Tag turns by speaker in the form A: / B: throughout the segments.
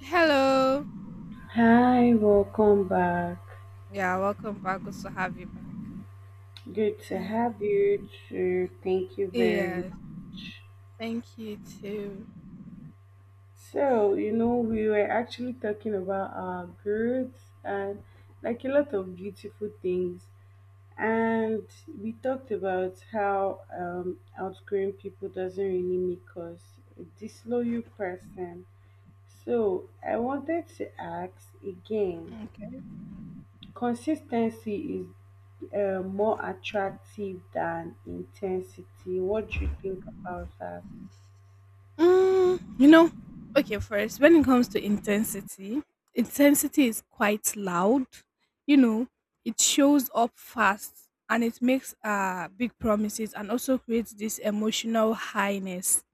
A: Hello.
B: Hi, welcome back.
A: Yeah, welcome back. Good to have you back.
B: Good to
A: Uh,
B: have you too. Thank you very
A: yeah,
B: much.
A: thank you too.
B: So, we were actually talking about our growth and like a lot of beautiful things. And we talked about how outgrowing people doesn't really make us a disloyal person. So, I wanted to ask again,
A: Okay.
B: consistency is more attractive than intensity. What do you think about that?
A: Mm, you know, okay, first, when it comes to intensity, intensity is quite loud. You know, it shows up fast and it makes big promises, and also creates this emotional highness.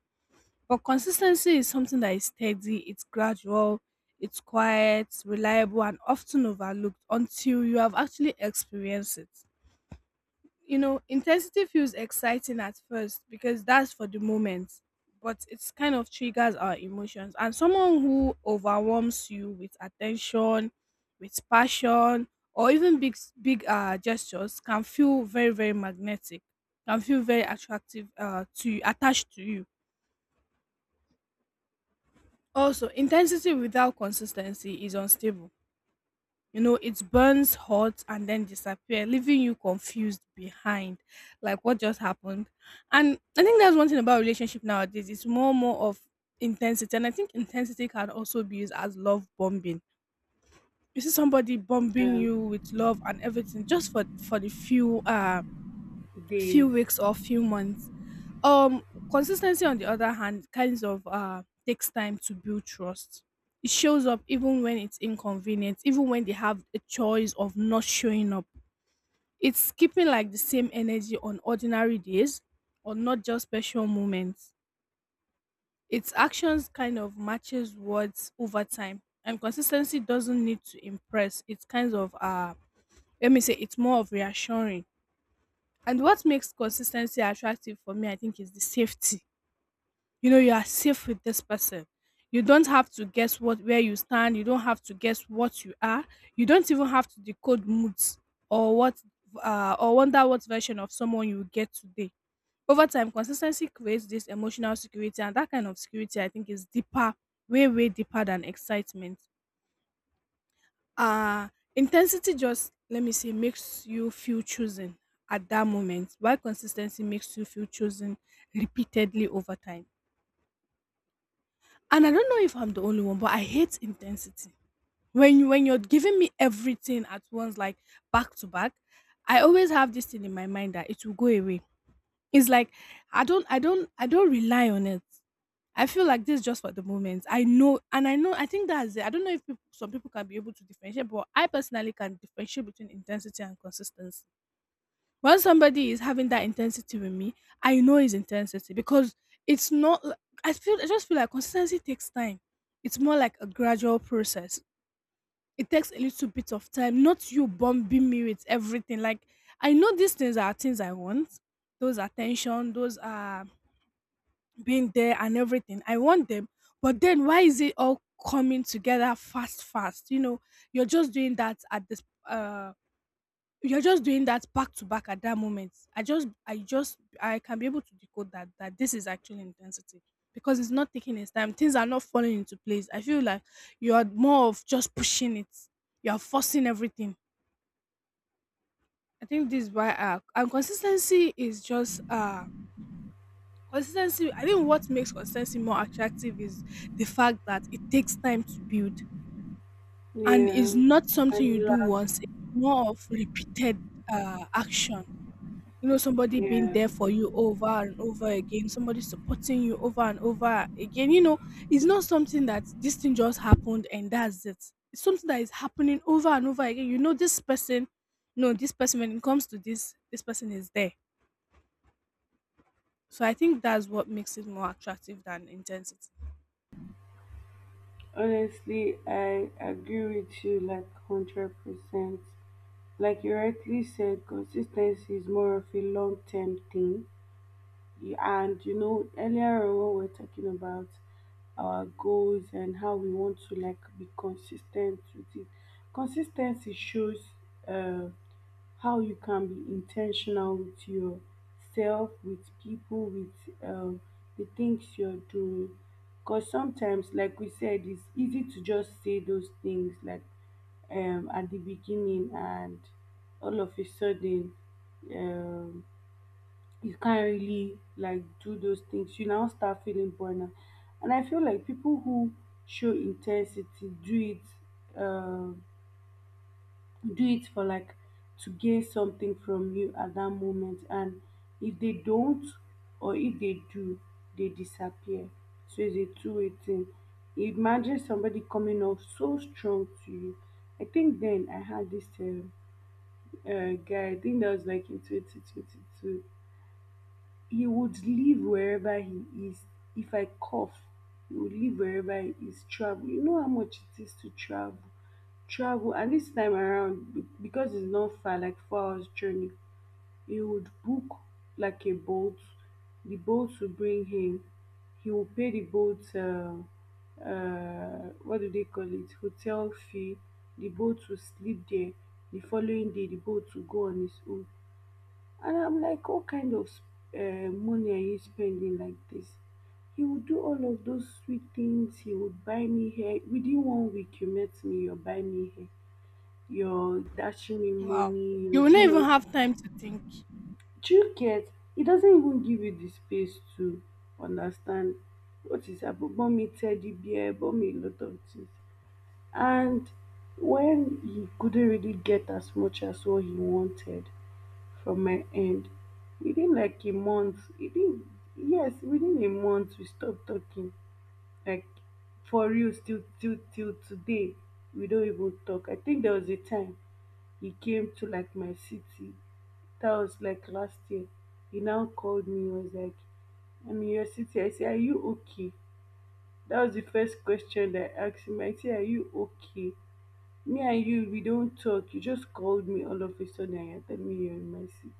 A: But consistency is something that is steady, it's gradual, it's quiet, reliable, and often overlooked until you have actually experienced it. Intensity feels exciting at first because that's for the moment, but it's kind of triggers our emotions. And someone who overwhelms you with attention, with passion, or even big gestures can feel very very magnetic, can feel very attractive to you, attached to you. Also, intensity without consistency is unstable. It burns hot and then disappear, leaving you confused behind, like what just happened. And I think that's one thing about relationship nowadays: it's more of intensity. And I think intensity can also be used as love bombing. You see somebody bombing you with love and everything, just for the few
B: Days.
A: weeks or few months. um, Consistency, on the other hand, kinds of takes time to build trust. It shows up even when it's inconvenient, even when they have a choice of not showing up. It's keeping like the same energy on ordinary days or not just special moments. Its actions kind of matches words over time. And consistency doesn't need to impress. It's kind of let me say, it's more of reassuring. And what makes consistency attractive for me, I think, is the safety. You are safe with this person. You don't have to guess what where you stand, you don't have to guess what you are, you don't even have to decode moods or what or wonder what version of someone you will get today. Over time, consistency creates this emotional security, and that kind of security, I think, is deeper, way way deeper than excitement. uh Intensity, just let me say, makes you feel chosen at that moment, while consistency makes you feel chosen repeatedly over time. And I don't know if I'm the only one, but I hate intensity. When you're giving me everything at once, like back to back, I always have this thing in my mind that it will go away. It's like, I don't rely on it. I feel like this is just for the moment. I know I think that's it. I don't know if some people can be able to differentiate, but I personally can differentiate between intensity and consistency. When somebody is having that intensity with me, I know it's intensity because it's not li- I just feel like consistency takes time. It's more like a gradual process. It takes a little bit of time, not you bombing me with everything. Like, I know these things are things I want. Those attention, those are being there and everything. I want them. But then why is it all coming together fast, fast? You're just doing that uh back to back at that moment. I can be able to decode that this is actually intensity, because it's not taking its time. Things are not falling into place. I feel like you are more of just pushing it. You are forcing everything. I think this is why and consistency is just consistency. I think what makes consistency more attractive is the fact that it takes time to build, and
B: Yeah.
A: is not
B: And
A: something you
B: it
A: do
B: lasts.
A: once. It's more of repeated action. Somebody being
B: Yeah.
A: there for you over and over again, somebody supporting you over and over again. It's not something that this thing just happened and that's it. It's something that is happening over and over again. This person, no, this person, when it comes to this, this person is there. So I think that's what makes it more attractive than intensity.
B: Honestly, I agree with you like 100%. Like you rightly said, consistency is more of a long term thing. Yeah. And earlier on when we are talking about our goals and how we want to like be consistent with it. Consistency shows uh, how you can be intentional with yourself, with people, with um, the things you're doing. Because sometimes, like we said, it's easy to just say those things like at the beginning, and all of a sudden, um, you can't really like do those things, you now start feeling burnout. And I feel like people who show intensity do it, uh, do it for like to gain something from you at that moment. And if they don't, or if they do, they disappear. So it's a two-way thing. Imagine somebody coming off so strong to you. I think then I had this guy. I think that was like in 2022. He would live wherever he is. If I cough, he would live wherever he is, travel. You know how much it is to travel? Travel. And this time around, because it's not far, like 4 hours journey, he would book like a boat. The boat will bring him. He will pay the boat, what do they call it? Hotel fee. The boat will sleep there. The following day, the boat will go on its own. And I'm like, what kind of money are you spending like this? He would do all of those sweet things. He would buy me hair. Within one week, you met me, you're buying me hair. You're dashing me
A: Wow.
B: money.
A: You will not even have time to think.
B: Do you get? He doesn't even give you the space to understand what is happening. Bought me teddy bear, bought me a lot of things. And when he couldn't really get as much as what he wanted, from my end. Within like a month, within a month we stopped talking. Like for real, still till today, we don't even talk. I think there was a time he came to like my city. That was like last year. He now called me. He was like, I'm in your city. I say, are you okay? That was the first question that I asked him. I say, are you okay? Me and you, we don't talk. You just called me all of a sudden and you tell me you're in my city.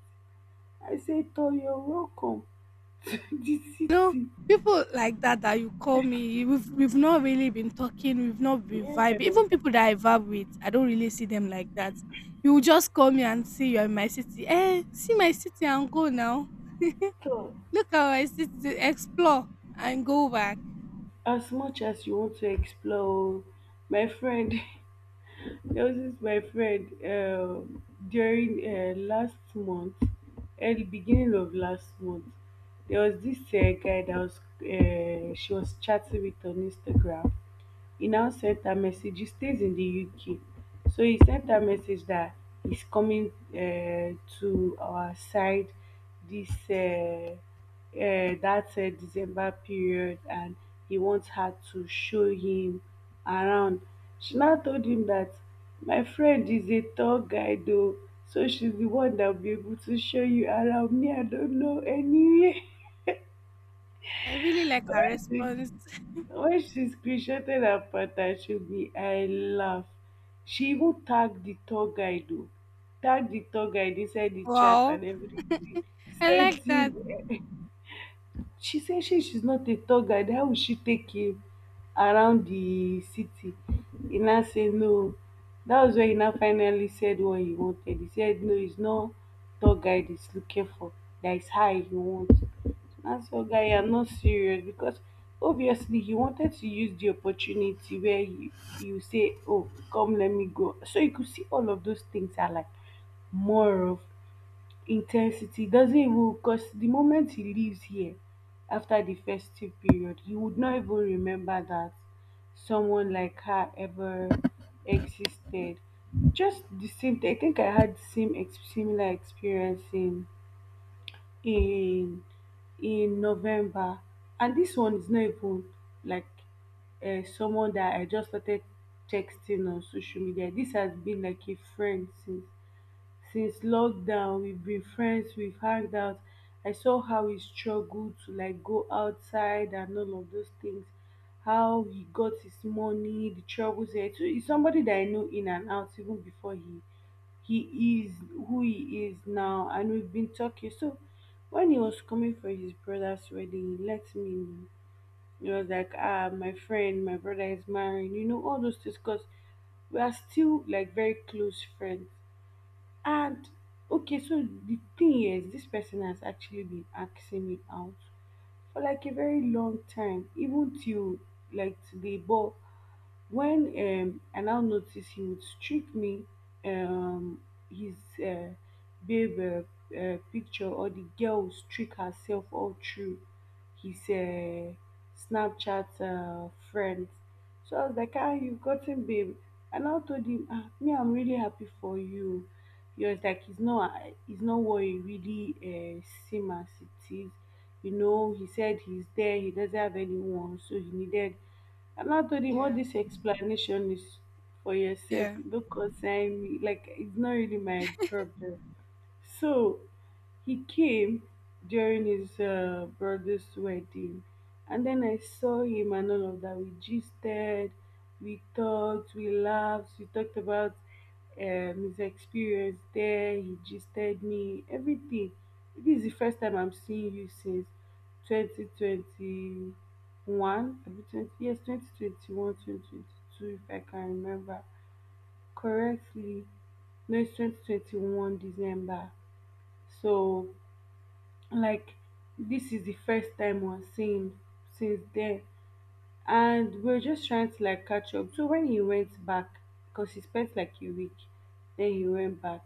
B: I said, "Toh, you're welcome to the
A: You know,
B: city."
A: people like that that you call me, we've not really been talking, we've not been vibing.
B: Yeah.
A: Even people that I vibe with, I don't really see them like that. You will just call me and see you're in my city. Eh, see my city and go now.
B: So,
A: Look how I city, explore and go back.
B: as much as you want to explore, oh, my friend, there was this my friend during last month, at the beginning of last month, there was this guy that was she was chatting with on Instagram. He now sent a message, he stays in the UK. So he sent a message that he's coming to our side, this that December period, and he wants her to show him around. She now told him that my friend is a tour guide though, so she's the one that will be able to show you around, me I don't know anywhere.
A: I really like her response.
B: When she screenshotted and Patashowed me, I laughed. She even tagged the tour guide, oh, tagged the tour guide inside the chat
A: Wow,
B: and everything.
A: I
B: Sent
A: like that.
B: him. She said she's not a tour guide. How will she take him around the city? He now said no. That was when he now finally said what he wanted. He said no, he's not tour guide he's looking for. That is high he wants. As for guy, I'm not serious because obviously he wanted to use the opportunity where you say, "Oh, come, let me go." So you could see all of those things are like more of intensity. Doesn't even, because the moment he leaves here after the festive period, he would not even remember that someone like her ever existed. Just the same I think I had the same similar experience in in in November. And dis one is not even like, someone that I just started texting on social media. Dis has been like a friend since lockdown. We've been friends, we've hanged out. I saw how he struggled to like go outside and all of those things, how he got his money, the troubles there. So he's somebody that I know in and out even before he is who he is now. And we've been talking. So when he was coming for his brother's wedding, he let me know. He was like, ah, my friend, my brother is marrying, all those things, because we are still like very close friends. And okay, so the thing is, this person has actually been asking me out for like a very long time, even till like today. But when I now noticed he would trick me, um, his uh, babe picture, or the girl would trick herself all through his Snapchat friends. So I was like, ah, you've gotten babe. And I now told him, ah, me, I'm really happy for you. He was like, it's not what it really seems as it is. You know, he said he's there, he doesn't have anyone, so he needed, and to him, all
A: Yeah,
B: this explanation is for yourself.
A: yeah,
B: It don't concern me. Like it's not really my problem. So he came during his brother's wedding, and then I saw him and all of that. We gisted, we talked, we laughed, we talked about his experience there. He gisted me, everything. This is the first time I'm seeing you since 2021, abi 20, yes, 2021, 2022, if I can remember correctly. No, it's 2021 December. So like this is the first time we're seeing since then, and we are just trying to like catch up. So when he went back, because he spent like a week, then he went back.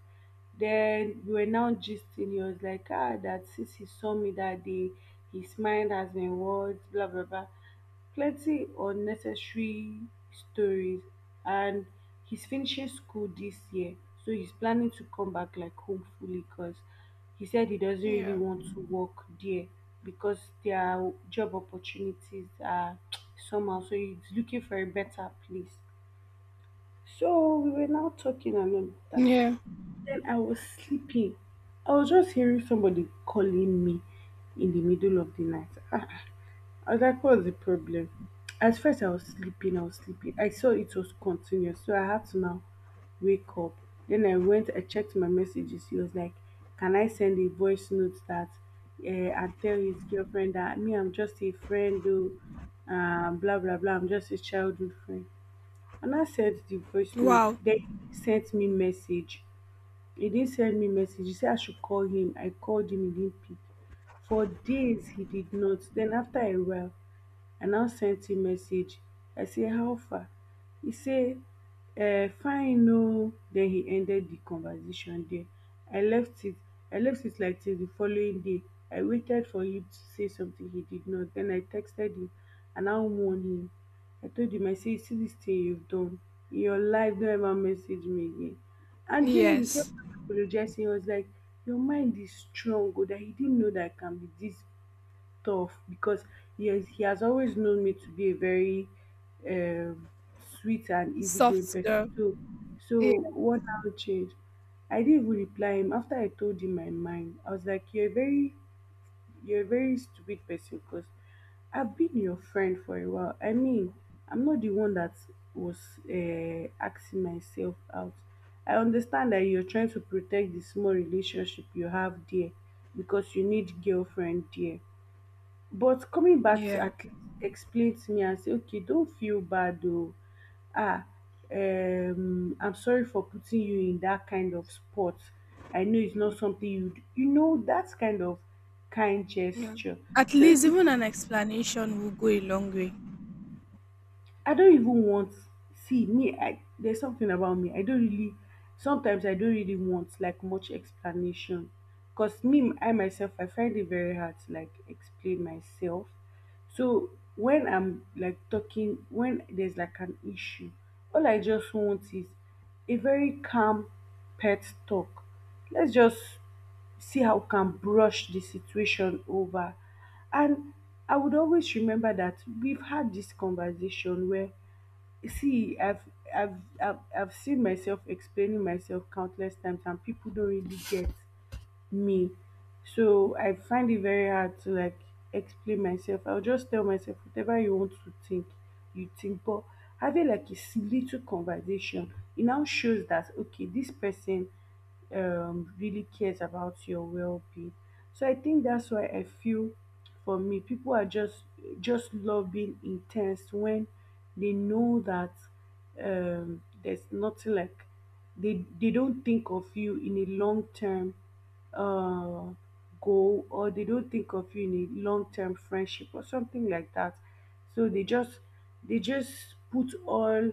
B: Then we were now gisting. He was like, ah, that since he saw me that day, his mind has been warped, blah blah blah, plenty unnecessary stories. And he's finishing school this year, so he's planning to come back like home fully, because he said he doesn't really
A: yeah,
B: want to work there because their job opportunities are somehow. So he's looking for a better place. So we were now talking and all of that.
A: yeah.
B: Then I was sleeping. I was just hearing somebody calling me in the middle of the night. I was like, the problem? At first, I was sleeping. I saw it was continuous, so I had to now wake up. Then I went, I checked my messages. He was like, can I send a voice note that, and tell his girlfriend that me, I'm just a friend though, blah, blah, blah. I'm just a childhood friend. And I sent the voice note.
A: Wow,
B: Then he sent me message. He didn't send me message. He said I should call him. I called him, he didn't pick. For days, he did not. Then after a while, I now sent him message. I say, how far? He say, fine, no. Then he ended the conversation there. I left it. I left it like till the following day. I waited for him to say something, he did not. Then I texted him and I warned him. I told him, I say, see this thing you've done. In your life, don't ever message me again. And he kept
A: yes,
B: apologizing. He was like, your mind is strong, or that he didn't know that I can be this tough, because he has always known me to be a very um, sweet and easygoing
A: soft girl.
B: person. So,
A: Yeah,
B: so what now changed? I didn't even reply him after I told him my mind. I was like, "You're a very stupid person, because I've been your friend for a while. I mean, I'm not the one that was asking myself out. I understand that you're trying to protect the small relationship you have there because you need girlfriend there, but coming back to
A: yeah.
B: at explain to me and say, okay, don't feel bad, oh, ah, I'm sorry for putting you in that kind of spot. I know it's not something you d-" You know, that kind of kind
A: Yeah.
B: gesture.
A: At
B: So it
A: least
B: could,
A: even an explanation will go a long way.
B: I don't even want, see me, I, there's something about me. I don't really sometimes I don't really want like much explanation. Cause me I myself I find it very hard to like explain myself. So when I'm like talking when there's like an issue, all I just want is a very calm pet talk. Let's just see how you can brush the situation over. And I would always remember that we've had this conversation where, see, I've seen myself explaining myself countless times and people don't really get me. So I find it very hard to like explain myself. I'll just tell myself whatever you want to think, you think. But having like a little conversation, it now shows that okay, this person really cares about your well-being. So I think that's why I feel for me, people are just love being intense when they know that there's nothing like they don't think of you in a long term uh, goal or they don't think of you in a long term friendship or something like that. So they just put all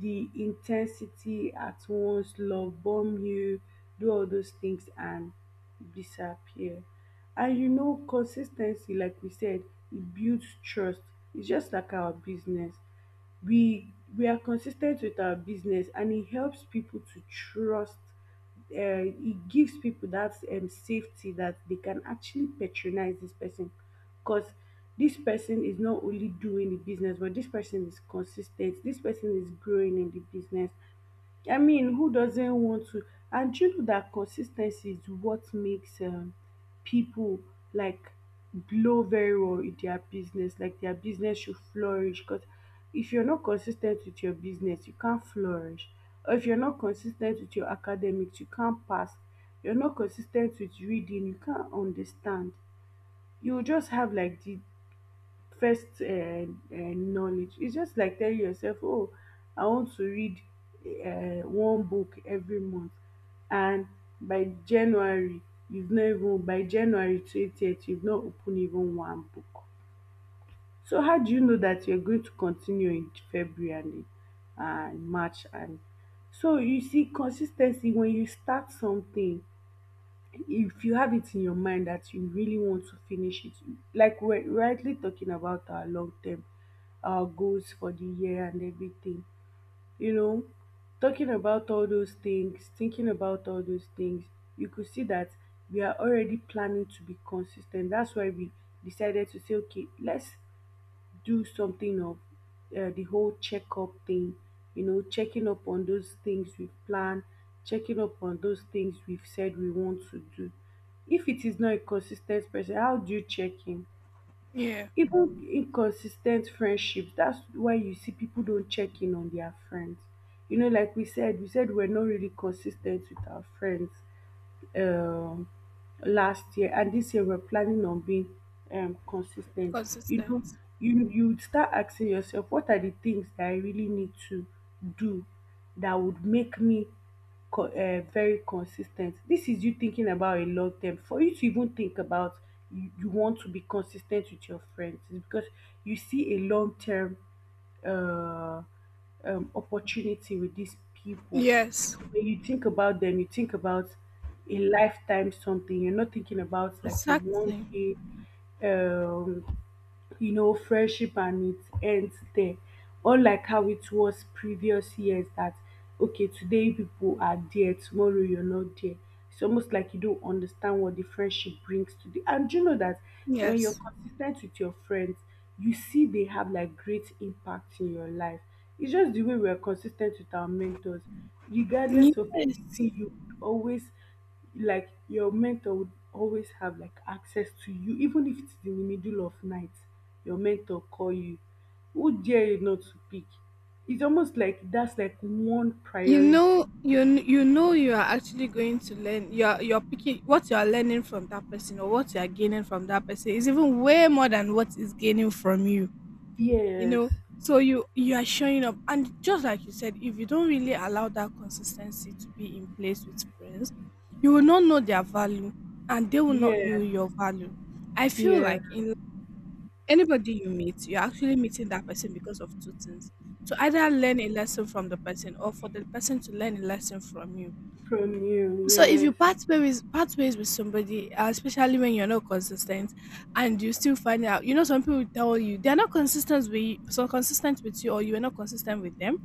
B: the intensity at once, love bomb you, do all those things and disappear. And you know, consistency, like we said, it builds trust. It's just like our business we we are consistent with our business and it helps people to trust it gives people that safety that they can actually patronize this person because this person is not only doing the business but this person is consistent, this person is growing in the business. I mean, who doesn't want to? And you know that consistency is what makes people like blow very well in their business. Like their business should flourish. Because if you're not consistent with your business, you can't flourish. Or if you're not consistent with your academics, you can't pass. You're not consistent with reading, you can't understand. You will just have like the first knowledge. It's just like telling yourself, oh, I want to read one book every month. And by January, you've not even, by January 20th, you've not opened even one book. So how do you know that you're going to continue in February and March? And so you see, consistency, when you start something, if you have it in your mind that you really want to finish it, like we're rightly talking about our long term, our goals for the year and everything, you know, talking about all those things, thinking about all those things, you could see that we are already planning to be consistent. That's why we decided to say, okay, let's do something of the whole checkup thing, you know, checking up on those things we've planned, checking up on those things we've said we want to do. If it is not a consistent person, how do you check in?
A: Yeah.
B: Even inconsistent friendships, that's why you see people don't check in on their friends. You know, like we said we're not really consistent with our friends um last year, and this year we're planning on being consistent. You know,
A: Consistent.
B: you would start asking yourself, what are the things that I really need to do that would make me very consistent? This is you thinking about a long term, for you to even think about you, you want to be consistent with your friends is because you see a long term uh, opportunity with these people. You know,
A: Yes.
B: when you think about them, you think about a lifetime something. You're not thinking about like a one
A: Exactly.
B: day um, you know, friendship and it ends there. Unlike how it was previous years that okay, today you people are there, tomorrow you're not there. It's almost like you don't understand what the friendship brings to the, and do you know that when you're
A: Yes.
B: consistent with your friends, you see they have like great impact in your life. It's just the way we're consistent with our mentors, regardless of
A: Yes.
B: anything, you always like your mentor would always have like access to you, even if it's in the middle of night, your mentor call you, who dare you not to pick? It's almost like that's like one
A: You
B: priority.
A: know you kn- you know you are actually going to learn. You're picking what you are learning from that person, or what you are gaining from that person, is even way more than what is gaining from you. You
B: Yes,
A: know So you are showing up, and just like you said, if you don't really allow that consistency to be in place with friends, you will not know their value, and they will not
B: yeah,
A: know your value. I feel
B: yeah,
A: like in anybody you meet, you're actually meeting that person because of two things: to either learn a lesson from the person, or for the person to learn a lesson from you.
B: from you,
A: So if you
B: yes.
A: part ways with somebody, especially when you're not consistent, and you still find out, some people tell you they're not consistent with, so consistent with you, or you are not consistent with them.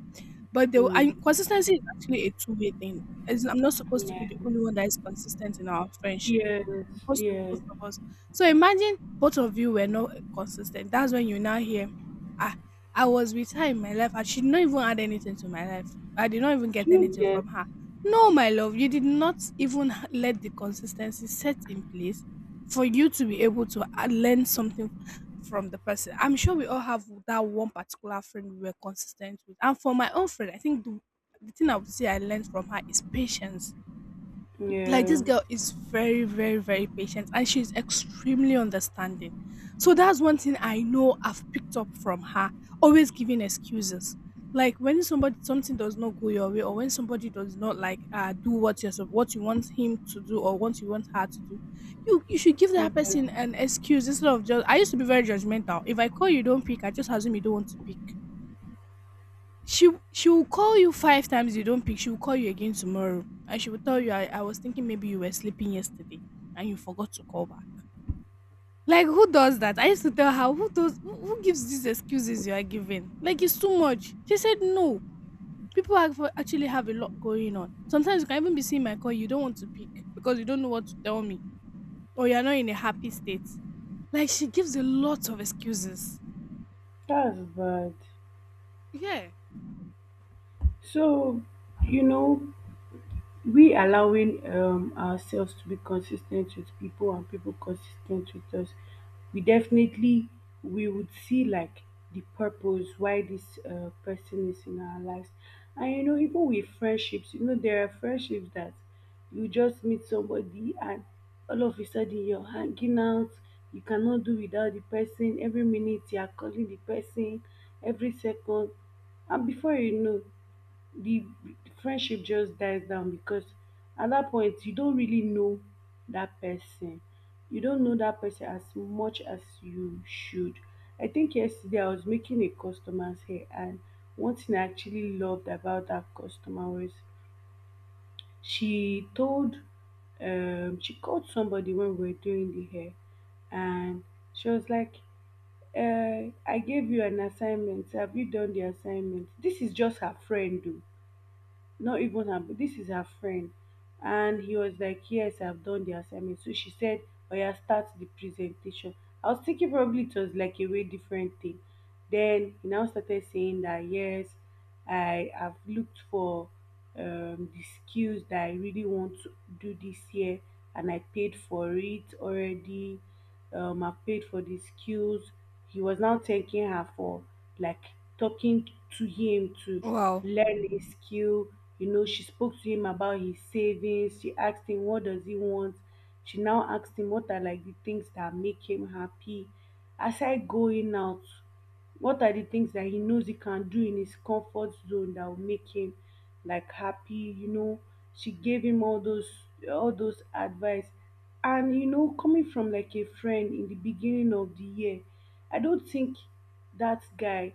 A: But the I
B: Mm,
A: consistency is actually a two-way thing. As I'm not supposed to
B: yeah,
A: be the only one that is consistent in our friendship.
B: yes,
A: It's supposed to be
B: yeah.
A: both of us. So imagine both of you were not consistent. That's when you now hear, ah, I was with her in my life, I should not even add anything to my life. I did not even get
B: Do you
A: anything
B: get?
A: from her. No, my love, you did not even let the consistency set in place for you to be able to learn something from the person. I'm sure we all have that one particular friend we were consistent with. And for my own friend, I think the thing I would say I learned from her is patience. Like,
B: Yeah,
A: this girl is very very very patient, and she's extremely understanding. So that's one thing I know I've picked up from her: always giving excuses. Like, when somebody, something does not go your way, or when somebody does not like do what you want him to do, or what you want her to do, you should give
B: yeah.
A: that person an excuse. Instead of just, I used to be very judgmental. If I call you don't pick, I just assume you don't want to pick. She she will call you five times, you don't pick, she will call you again tomorrow, and she will tell you, I was thinking maybe you were sleeping yesterday and you forgot to call back. Like, who does that? I used to tell her, who gives these excuses you are giving? Like, it's too much. She said, no, people actually have a lot going on. Sometimes you can even be seeing my call, you don't want to pick because you don't know what to tell me, or you're not in a happy state. Like, she gives a lot of excuses.
B: That's bad.
A: Yeah.
B: So you know, we allowing ourselves to be consistent with people and people consistent with us, we definitely, we would see like the purpose why this person is in our lives. And you know, even with friendships, you know, there are friendships that you just meet somebody and all of a sudden you're hanging out, you cannot do without the person, every minute you are calling the person, every second, and before you know, the friendship just dies down because at that point you don't really know that person. You don't know that person as much as you should. I think yesterday I was making a customer's hair, and one thing I actually loved about that customer was she told, she called somebody when we were doing the hair, and she was like, I gave you an assignment. Have you done the assignment? This is just her friend, though, not even her, this is her friend. And he was like, yes, I've done the assignment. So she said, oh yeah, start the presentation. I was thinking probably it was like a way different thing. Then he now started saying that yes, I have looked for the skills that I really want to do this year, and I paid for it already. I paid for the skills. He was now thanking her for like talking to him to
A: Wow.
B: learn a skill. You know, she spoke to him about his savings. She asked him, what does he want? She now asked him, what are like the things that make him happy? Aside going out, what are the things that he knows he can do in his comfort zone that will make him like happy, you know? She gave him all those, all those advice. And you know, coming from like a friend in the beginning of the year, I don't think that guy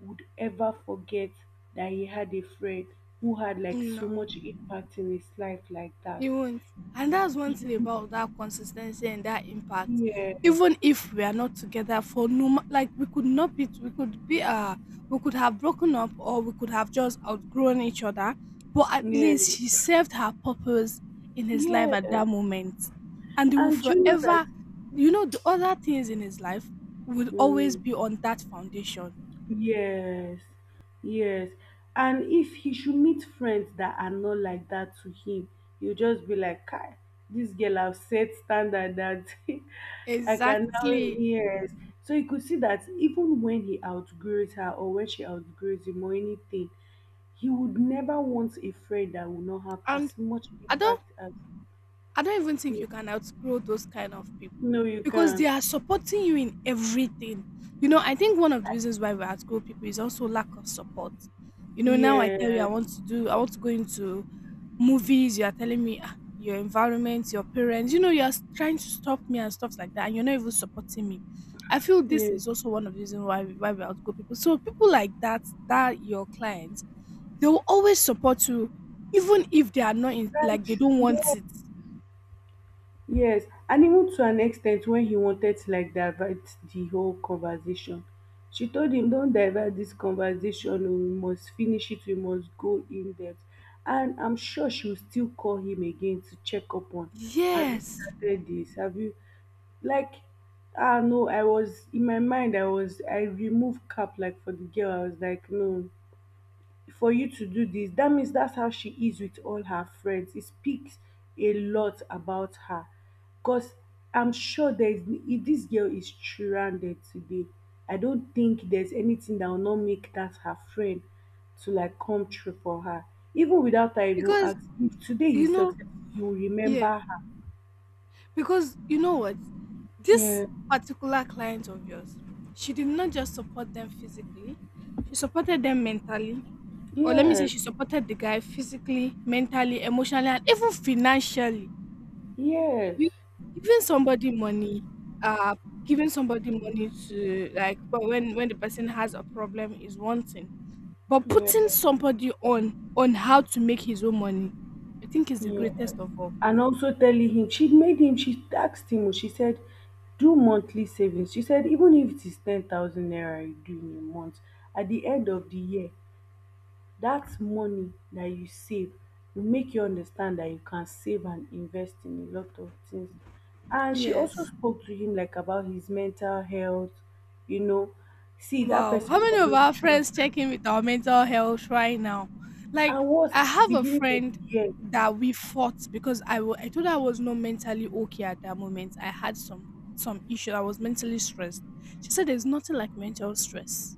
B: would ever forget that he had a friend who had like so
A: No.
B: much impact in his life like that.
A: It won't. And that's one thing about that consistency and that impact.
B: Yes,
A: Even if we are not together for no, like we could not be, we could be, we could have broken up, or we could have just outgrown each other. But at
B: yes,
A: least she served her purpose in his life
B: yes.
A: at that moment, and he will
B: And do you know that?
A: forever, the other things in his life will always be
B: Mm,
A: on that foundation.
B: yes, yes. And if he should meet friends that are not like that to him, he'll just be like, Kai, this girl have set standard that I can now
A: Exactly.
B: yes. So you could see that even when he outgrows her or when she outgrows him or anything, he would never want a friend that will not have
A: And
B: as much
A: I don't
B: impact as
A: I don't even think
B: you.
A: you can outgrow those kind of people,
B: No, you
A: because they
B: can't.
A: are supporting you in everything. You know, I think one of the reasons why we outgrow people is also lack of support. You know, now I tell you
B: Yeah,
A: I want to do, I want to go into movies. You are telling me, "Ah, your environment, your parents. You know, you are trying to stop me," and stuff like that, and you're not even supporting me. I feel
B: yeah.
A: this is also one of the reasons why why we outgrow people. So people like that, that your clients, they will always support you, even if they are not in, like
B: That's
A: they don't
B: true.
A: want
B: Yeah.
A: it.
B: Yes, and even to an extent when he wanted to like divert the whole conversation, she told him, "Don't divert this conversation. Oh, We must finish it. We must go in depth." And I'm sure she will still call him again to check up on. Have you
A: Yes,
B: started this? Have you like? Ah no, I was in my mind. I was I removed cap like for the girl. I was like, no, for you to do this. That means that's how she is with all her friends. It speaks a lot about her, because I'm sure there's, if this girl is stranded today, I don't think there's anything that will not make that her friend to like come through for her. Even without her even
A: because
B: asking, if today
A: you
B: he's
A: know,
B: successful, you will
A: yeah,
B: remember her.
A: because you know what, this
B: Yeah,
A: particular client of yours, she did not just support them physically, she supported them mentally, or let me
B: yeah,
A: say, she supported the guy physically, mentally, emotionally, and even financially.
B: yes,
A: You giving somebody money, uh, giving somebody money to like for when the person has a problem is one thing, but
B: yeah.
A: putting somebody on how to make his own money, I think is the
B: Yes.
A: greatest of all.
B: And also telling him, she made him, she asked him, she said, do monthly savings. She said, even if it is 10,000 naira you do in a month, at the end of the year, that money that you save will make you understand that you can save and invest in a lot of things. And she also
A: Yes.
B: spoke to him like about his mental health, you know. See, that
A: Wow. How
B: person will
A: many of
B: always
A: our
B: trust
A: friends
B: her.
A: check in with our mental health right now? Like,
B: And worst,
A: I have a
B: beginning of
A: friend
B: the year,
A: that we fought because I told her I was not mentally okay at that moment. I had some issue. I was mentally stressed. She said there's nothing like mental stress.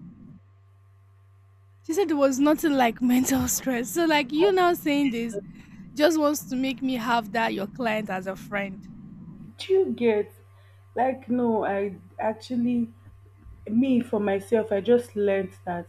A: She said there was nothing like mental stress. So like you
B: how
A: now saying this just wants to make me have that your client as a friend.
B: do you get? Like, no, I actually, me for myself, I just learned that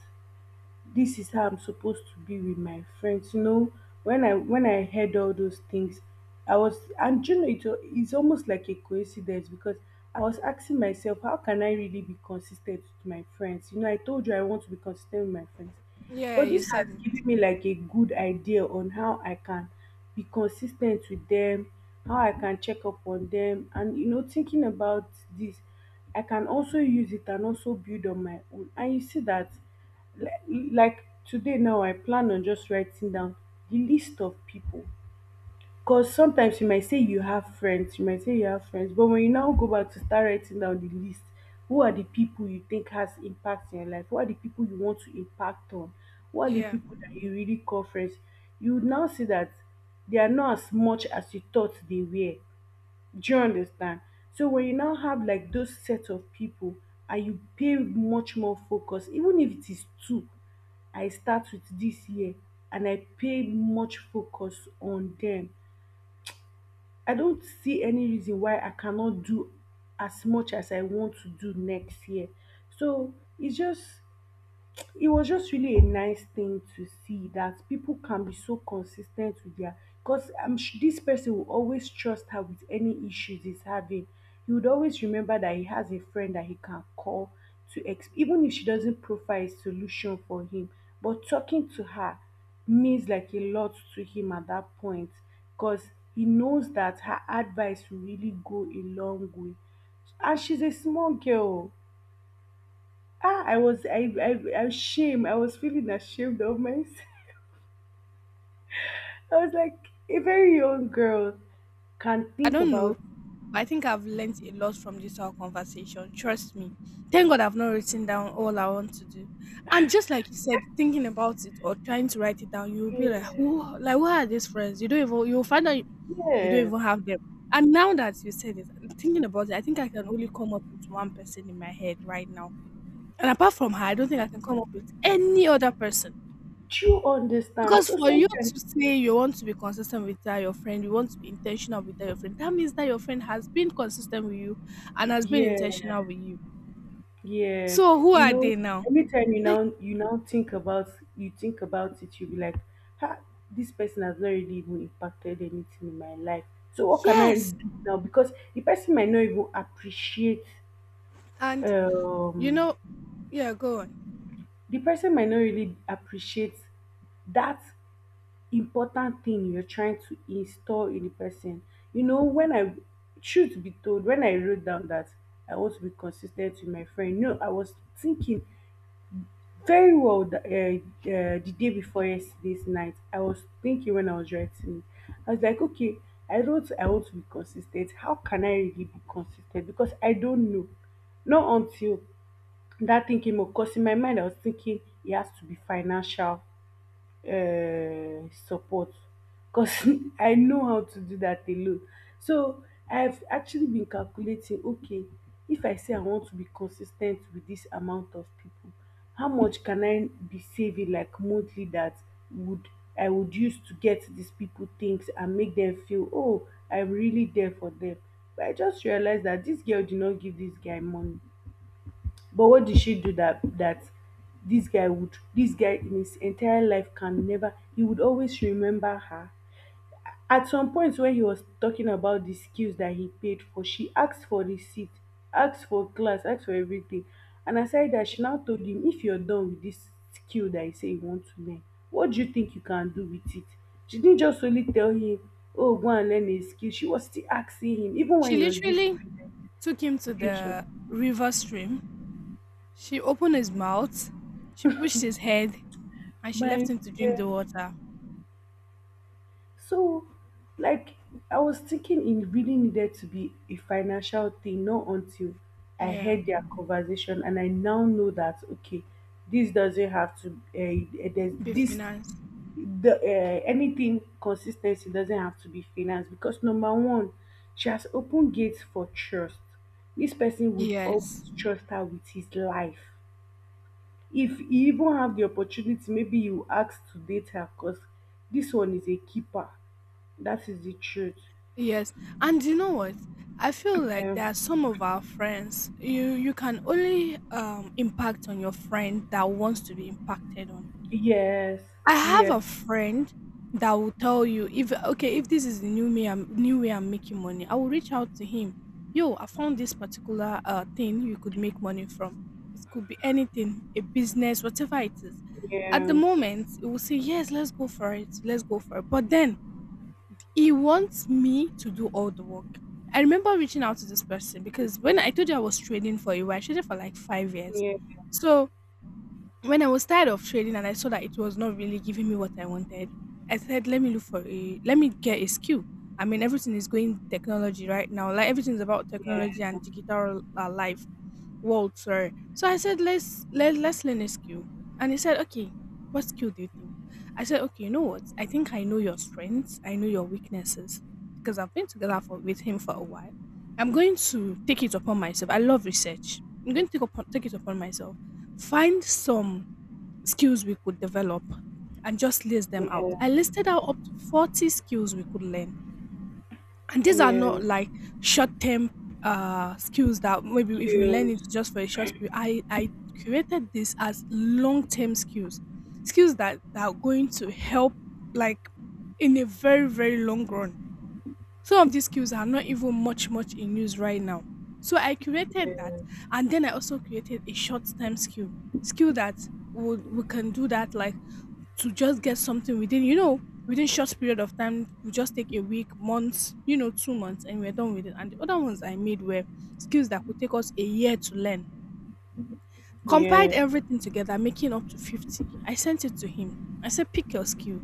B: this is how I'm supposed to be with my friends. You know, when I heard all those things, I was, and you know it, it's almost like a coincidence because I was asking myself, how can I really be consistent with my friends? You know, I told you I want to be consistent with my friends.
A: Yeah,
B: But
A: you
B: this
A: said
B: has
A: it.
B: given me like a good idea on how I can be consistent with them, how I can check up on them. And you know, thinking about this, I can also use it and also build on my own. And you see that like today now I plan on just writing down the list of people, because sometimes you might say you have friends, but when you now go back to start writing down the list, who are the people you think has impact in your life, who are the people you want to impact on, who are the
A: Yeah.
B: people that you really call friends, you would now see that they are not as much as you thought they were. Do you understand? So when you now have like those set of people and you pay much more focus, even if it is two, I start with this year and I pay much focus on them. I don't see any reason why I cannot do as much as I want to do next year. So it was just really a nice thing to see that people can be so consistent with their, because this person will always trust her with any issues he's having. He would always remember that he has a friend that he can call to even if she doesn't provide a solution for him. But talking to her means like a lot to him at that point because he knows that her advice will really go a long way. And she's a small girl. I ashamed. I was feeling ashamed of myself. I was like a very young girl can
A: I
B: think
A: don't
B: about.
A: know. But I think I've learned a lot from this whole conversation. Trust me. Thank God I've not written down all I want to do. And just like you said, thinking about it or trying to write it down, you'll be like, who
B: Yes,
A: like where are these friends? You'll find out you don't
B: yes.
A: even have them. And now that you said it, thinking about it, I think I can only come up with one person in my head right now. And apart from her, I don't think I can come up with any other person.
B: Do you understand?
A: Because
B: So
A: for you
B: sometimes
A: to say you want to be consistent with that your friend, you want to be intentional with that your friend, that means that your friend has been consistent with you and has been
B: yes,
A: intentional with you.
B: yes.
A: So who
B: You
A: are
B: know,
A: they now?
B: anytime
A: Like,
B: you now think about you think about it, you be like, ha, this person has not really even impacted anything in my life. So what can I do
A: yes.
B: now? Because the person might not even appreciate.
A: And you
B: um
A: know, yeah, go on.
B: the person might not really appreciate that important thing you're trying to install in the person. You know, truth be told, when I wrote down that I want to be consistent with my friend, no, I was thinking very well the day before yesterday's night. I was thinking when I was writing it. I was like, okay, I wrote, I want to be consistent. How can I really be consistent? Because I don't know. Not until that thing came up, because in my mind, I was thinking it has to be financial support, because I know how to do that alone. So I've actually been calculating, okay, if I say I want to be consistent with this amount of people, how much can I be saving like monthly that would I would use to get these people things and make them feel, oh, I'm really there for them. But I just realized that this girl did not give this guy money, but what did she do that this guy in his entire life can never, he would always remember her? At some point when he was talking about the skills that he paid for, she asked for receipt, asked for class, asked for everything. And aside that, she now told him, if you're done with this skill that you say you want to learn, what do you think you can do with it? She didn't just only tell him, oh, go and learn a skill. She was still asking him, even when
A: She
B: he was doing
A: literally took him to
B: presentation.
A: the river stream. She opened his mouth, she pushed his head, and she left
B: My
A: him to drink
B: dear.
A: the water.
B: So, like, I was thinking it really needed to be a financial thing, not until I
A: Yeah.
B: heard their conversation and I now know that, okay, this doesn't have to,
A: Be financed.
B: anything, consistency doesn't have to be finance, because number one, she has opened gates for trust. This person would
A: Yes.
B: always trust her with his life. If you even have the opportunity, maybe you ask to date her, because this one is a keeper, that is the truth.
A: Yes, and you know what? I feel like
B: Yeah.
A: there are some of our friends you can only impact on your friend that wants to be impacted on.
B: Yes.
A: I have
B: Yeah.
A: a friend that will tell you if okay if this is the new me I'm new way I'm making money. I will reach out to him. Yo, I found this particular thing you could make money from. It could be anything, a business, whatever it is. At the
B: Yeah.
A: moment, it will say yes, let's go for it. But then he wants me to do all the work. I remember reaching out to this person because when I told you I was trading for you, I traded for like 5 years.
B: Yeah.
A: So when I was tired of trading and I saw that it was not really giving me what I wanted, I said, let me get a skill. I mean, everything is going technology right now. Like everything's about technology
B: Yeah.
A: and digital life world, sorry. So I said, let's learn a skill. And he said, okay, what skill do you think? I said, okay, you know what? I think I know your strengths. I know your weaknesses because I've been together for, with him for a while. I'm going to take it upon myself. I love research. I'm going to take it upon myself. Find some skills we could develop and just list them out.
B: Yeah.
A: I listed out up to 40 skills we could learn, and these are
B: Yeah.
A: not like short term skills that maybe if you learn
B: Skills.
A: it just for a short period I created this as long term skills, skills that are going to help like in a very very long run. Some of these skills are not even much in use right now. So I created that
B: Yeah.
A: and then I also created a short time skill. Skill that would we can do that like to just get something within you know within short period of time, we just take a week months you know 2 months and we're done with it. And the other ones I made were skills that could take us a year to learn. Compiled
B: Yeah.
A: everything together, making up to 50. I sent it to him. I said, pick your skill,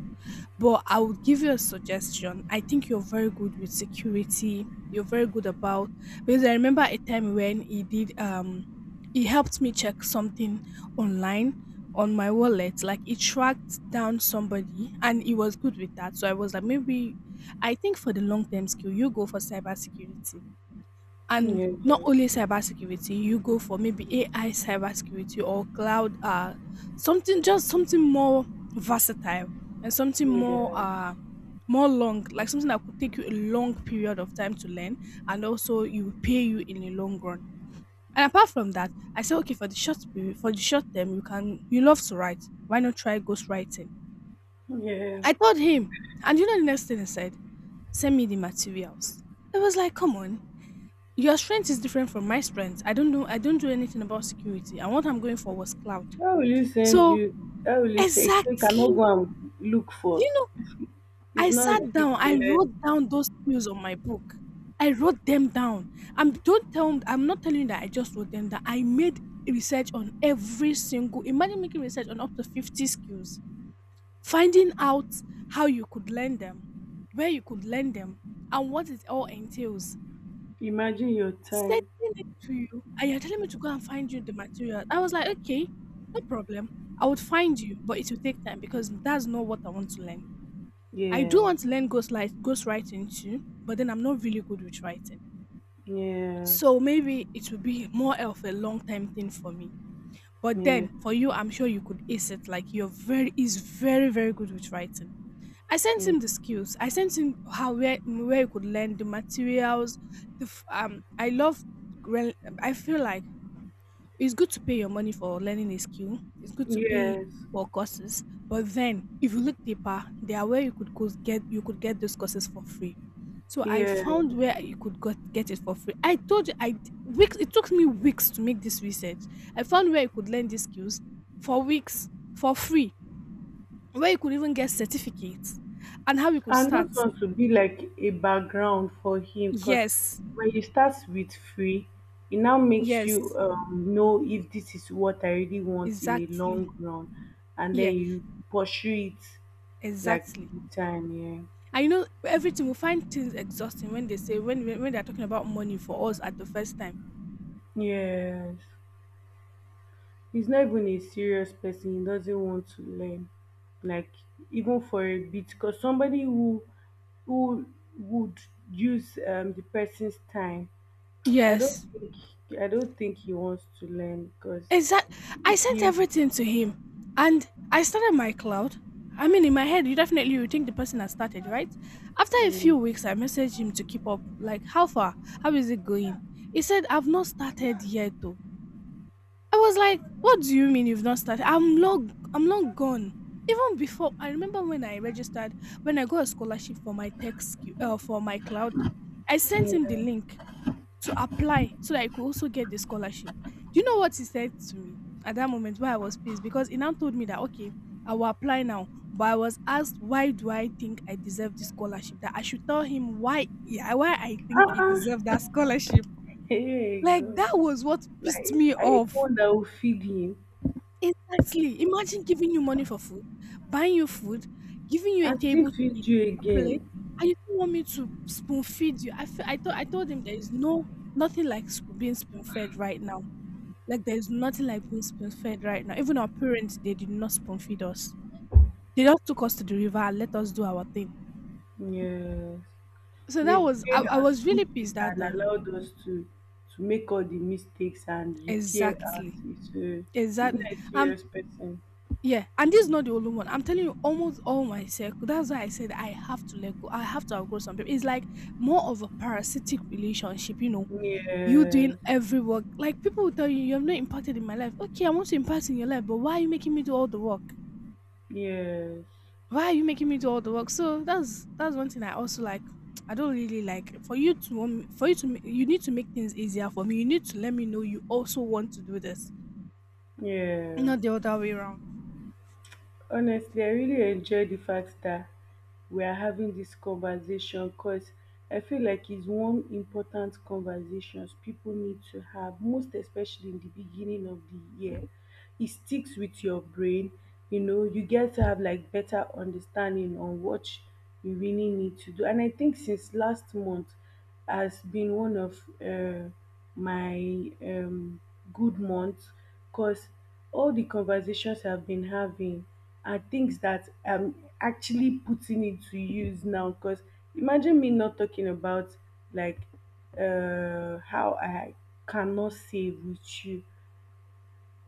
A: but I would give you a suggestion. I think you're very good with security. You're very good about, because I remember a time when he did he helped me check something online on my wallet. Like he tracked down somebody and he was good with that. So I was like, maybe I think for the long term skill, you go for cybersecurity. And
B: Yeah.
A: not only cybersecurity, you go for maybe AI cybersecurity or cloud, something, just something more versatile and something more
B: Yeah.
A: more long, like something that could take you a long period of time to learn, and also you will pay you in the long run. And apart from that, I say okay for the short period, for the short term, you can you love to write. Why not try ghostwriting?
B: Yeah.
A: I told him, and you know the next thing he said, send me the materials. I was like, come on, your strength is different from my strength. I don't know. I don't do anything about security. And what I'm going for was cloud.
B: How will you send
A: So
B: you? How will you say, so you cannot
A: exactly,
B: go and look for?
A: you know,
B: It's
A: I
B: not
A: sat
B: ready
A: down.
B: to
A: I
B: learn.
A: wrote down those skills on my book. I wrote them down. I'm don't tell. I'm not telling you that I just wrote them down. I made research on every single. Imagine making research on up to 50 skills, finding out how you could learn them, where you could learn them, and what it all entails.
B: Imagine your
A: Sending
B: time.
A: it to you and you're telling me to go and find you the material. I was like, okay, no problem. I would find you, but it will take time because that's not what I want to learn. I do
B: Yes.
A: want to learn ghost writing too, but then I'm not really good with writing.
B: Yes.
A: So maybe it will be more of a long time thing for me. But
B: Yeah.
A: then for you, I'm sure you could ace it. Like you're very is very, very good with writing. I sent him the skills. I sent him how where you could learn the materials. I love rel- I feel like it's good to pay your money for learning a skill. It's good to pay
B: Yes.
A: for courses, but then if you look deeper, there are where you could go get you could get those courses for free. So I
B: Yes.
A: found where you could get it for free. I told you weeks, it took me weeks to make this research. I found where you could learn these skills for weeks for free, where you could even get certificates and how you could
B: And
A: start.
B: those ones will be like a background for him, because
A: Yes,
B: when you start with free, it now makes you
A: yes,
B: know if this is what I really want in a
A: exactly.
B: long run, and then
A: Yeah,
B: you pursue it like
A: exactly.
B: full time.
A: And you know, everything, we find things exhausting when they say when they're talking about money for us at the first time.
B: Yeah, yes. He's not even a serious person. He doesn't want to learn, like, even for a bit, because somebody who would use the person's time. I don't
A: Yes.
B: think I don't think he wants to learn, because
A: Exact. I
B: if
A: sent
B: he
A: everything to him and I started my cloud. I mean in my head you definitely would think the person has started, right? After a few
B: mm,
A: weeks I messaged him to keep up. Like how far? How is it going? He said, I've not started yet though. I was like, what do you mean you've not started? I'm long gone. Even before, I remember when I registered, when I got a scholarship for my tech skill for my cloud, I sent him the
B: mm,
A: link to apply so that I could also get the scholarship. Do you know what he said to me at that moment why I was pissed? Because he now told me that okay, I will apply now. But I was asked why do I think I deserve this scholarship? That I should tell him why yeah, why I think
B: ah
A: he deserved
B: ah,
A: that scholarship.
B: hey
A: Like
B: God,
A: that was what pissed
B: like,
A: me
B: are you the
A: off.
B: one that will feed him
A: Exactly. Imagine giving you money for food, buying you food, giving you a
B: and still
A: table to
B: feed
A: eat,
B: you
A: a plate,
B: again?
A: and you still want me to spoon feed you. I feel, I thought I told him there is no nothing like sp- being spoon fed right now. Like there is nothing like being spoon fed right now. Even our parents, they did not spoon feed us. They just took us to the river and let us do our thing.
B: Yes,
A: So
B: they
A: that was,
B: paid
A: I
B: our
A: was
B: school
A: really
B: fees
A: pissed that
B: and
A: time.
B: allowed us to make all the mistakes and repair us.
A: Exactly.
B: It's a, he's
A: Exactly.
B: not a
A: Um
B: serious person.
A: Yeah, and this is not the only one. I'm telling you, almost all my circle. That's why I said I have to let go. I have to outgrow some people. It's like more of a parasitic relationship, you know. You doing
B: Yes,
A: every work. Like people will tell you, you have not impacted in my life. Okay, I want to impact in your life, but why are you making me do all the work?
B: yes,
A: Why are you making me do all the work? So that's one thing I also like. I don't really like for you to for you to you need to make things easier for me. You need to let me know you also want to do this,
B: yeah.
A: not the other way around.
B: Honestly, I really enjoy the fact that we are having this conversation, cause I feel like it's one important conversations people need to have, most especially in the beginning of the year. It sticks with your brain. You know, you get to have like better understanding on what you really need to do. And I think since last month has been one of my good months, because all the conversations I've been having are things that I'm actually putting into use now. Because imagine me not talking about, like, how I cannot save with you.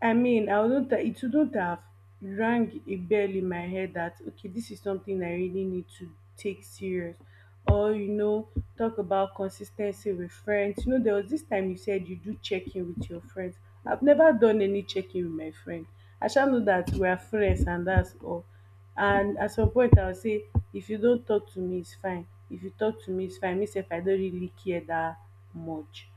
B: I mean, I wouldn't it wouldn't have rang a bell in my head that, okay, this is something I really need to take serious. Or, you know, talk about consistency with friends. You know, there was this time you said you do check-in with your friends. I've never done any check-in with my friend. I shall know that we are friends and that's all. And at some point I'll say, if you don't talk to me, it's fine, if you talk to me, it's fine myself, I don't really care that much.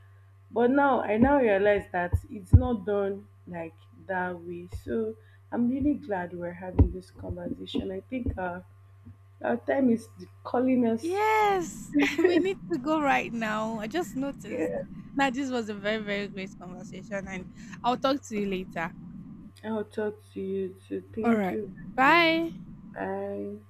B: But now I now realize that it's not done like that way. So I'm really glad we're having this conversation. I think our time is calling us.
A: Yes, we need to go right now. I just noticed.
B: Yeah.
A: Now, this was a very, very great conversation, and I'll talk to you later.
B: I'll talk to you too,
A: All
B: thank
A: right.
B: you very
A: Bye.
B: much. Bye.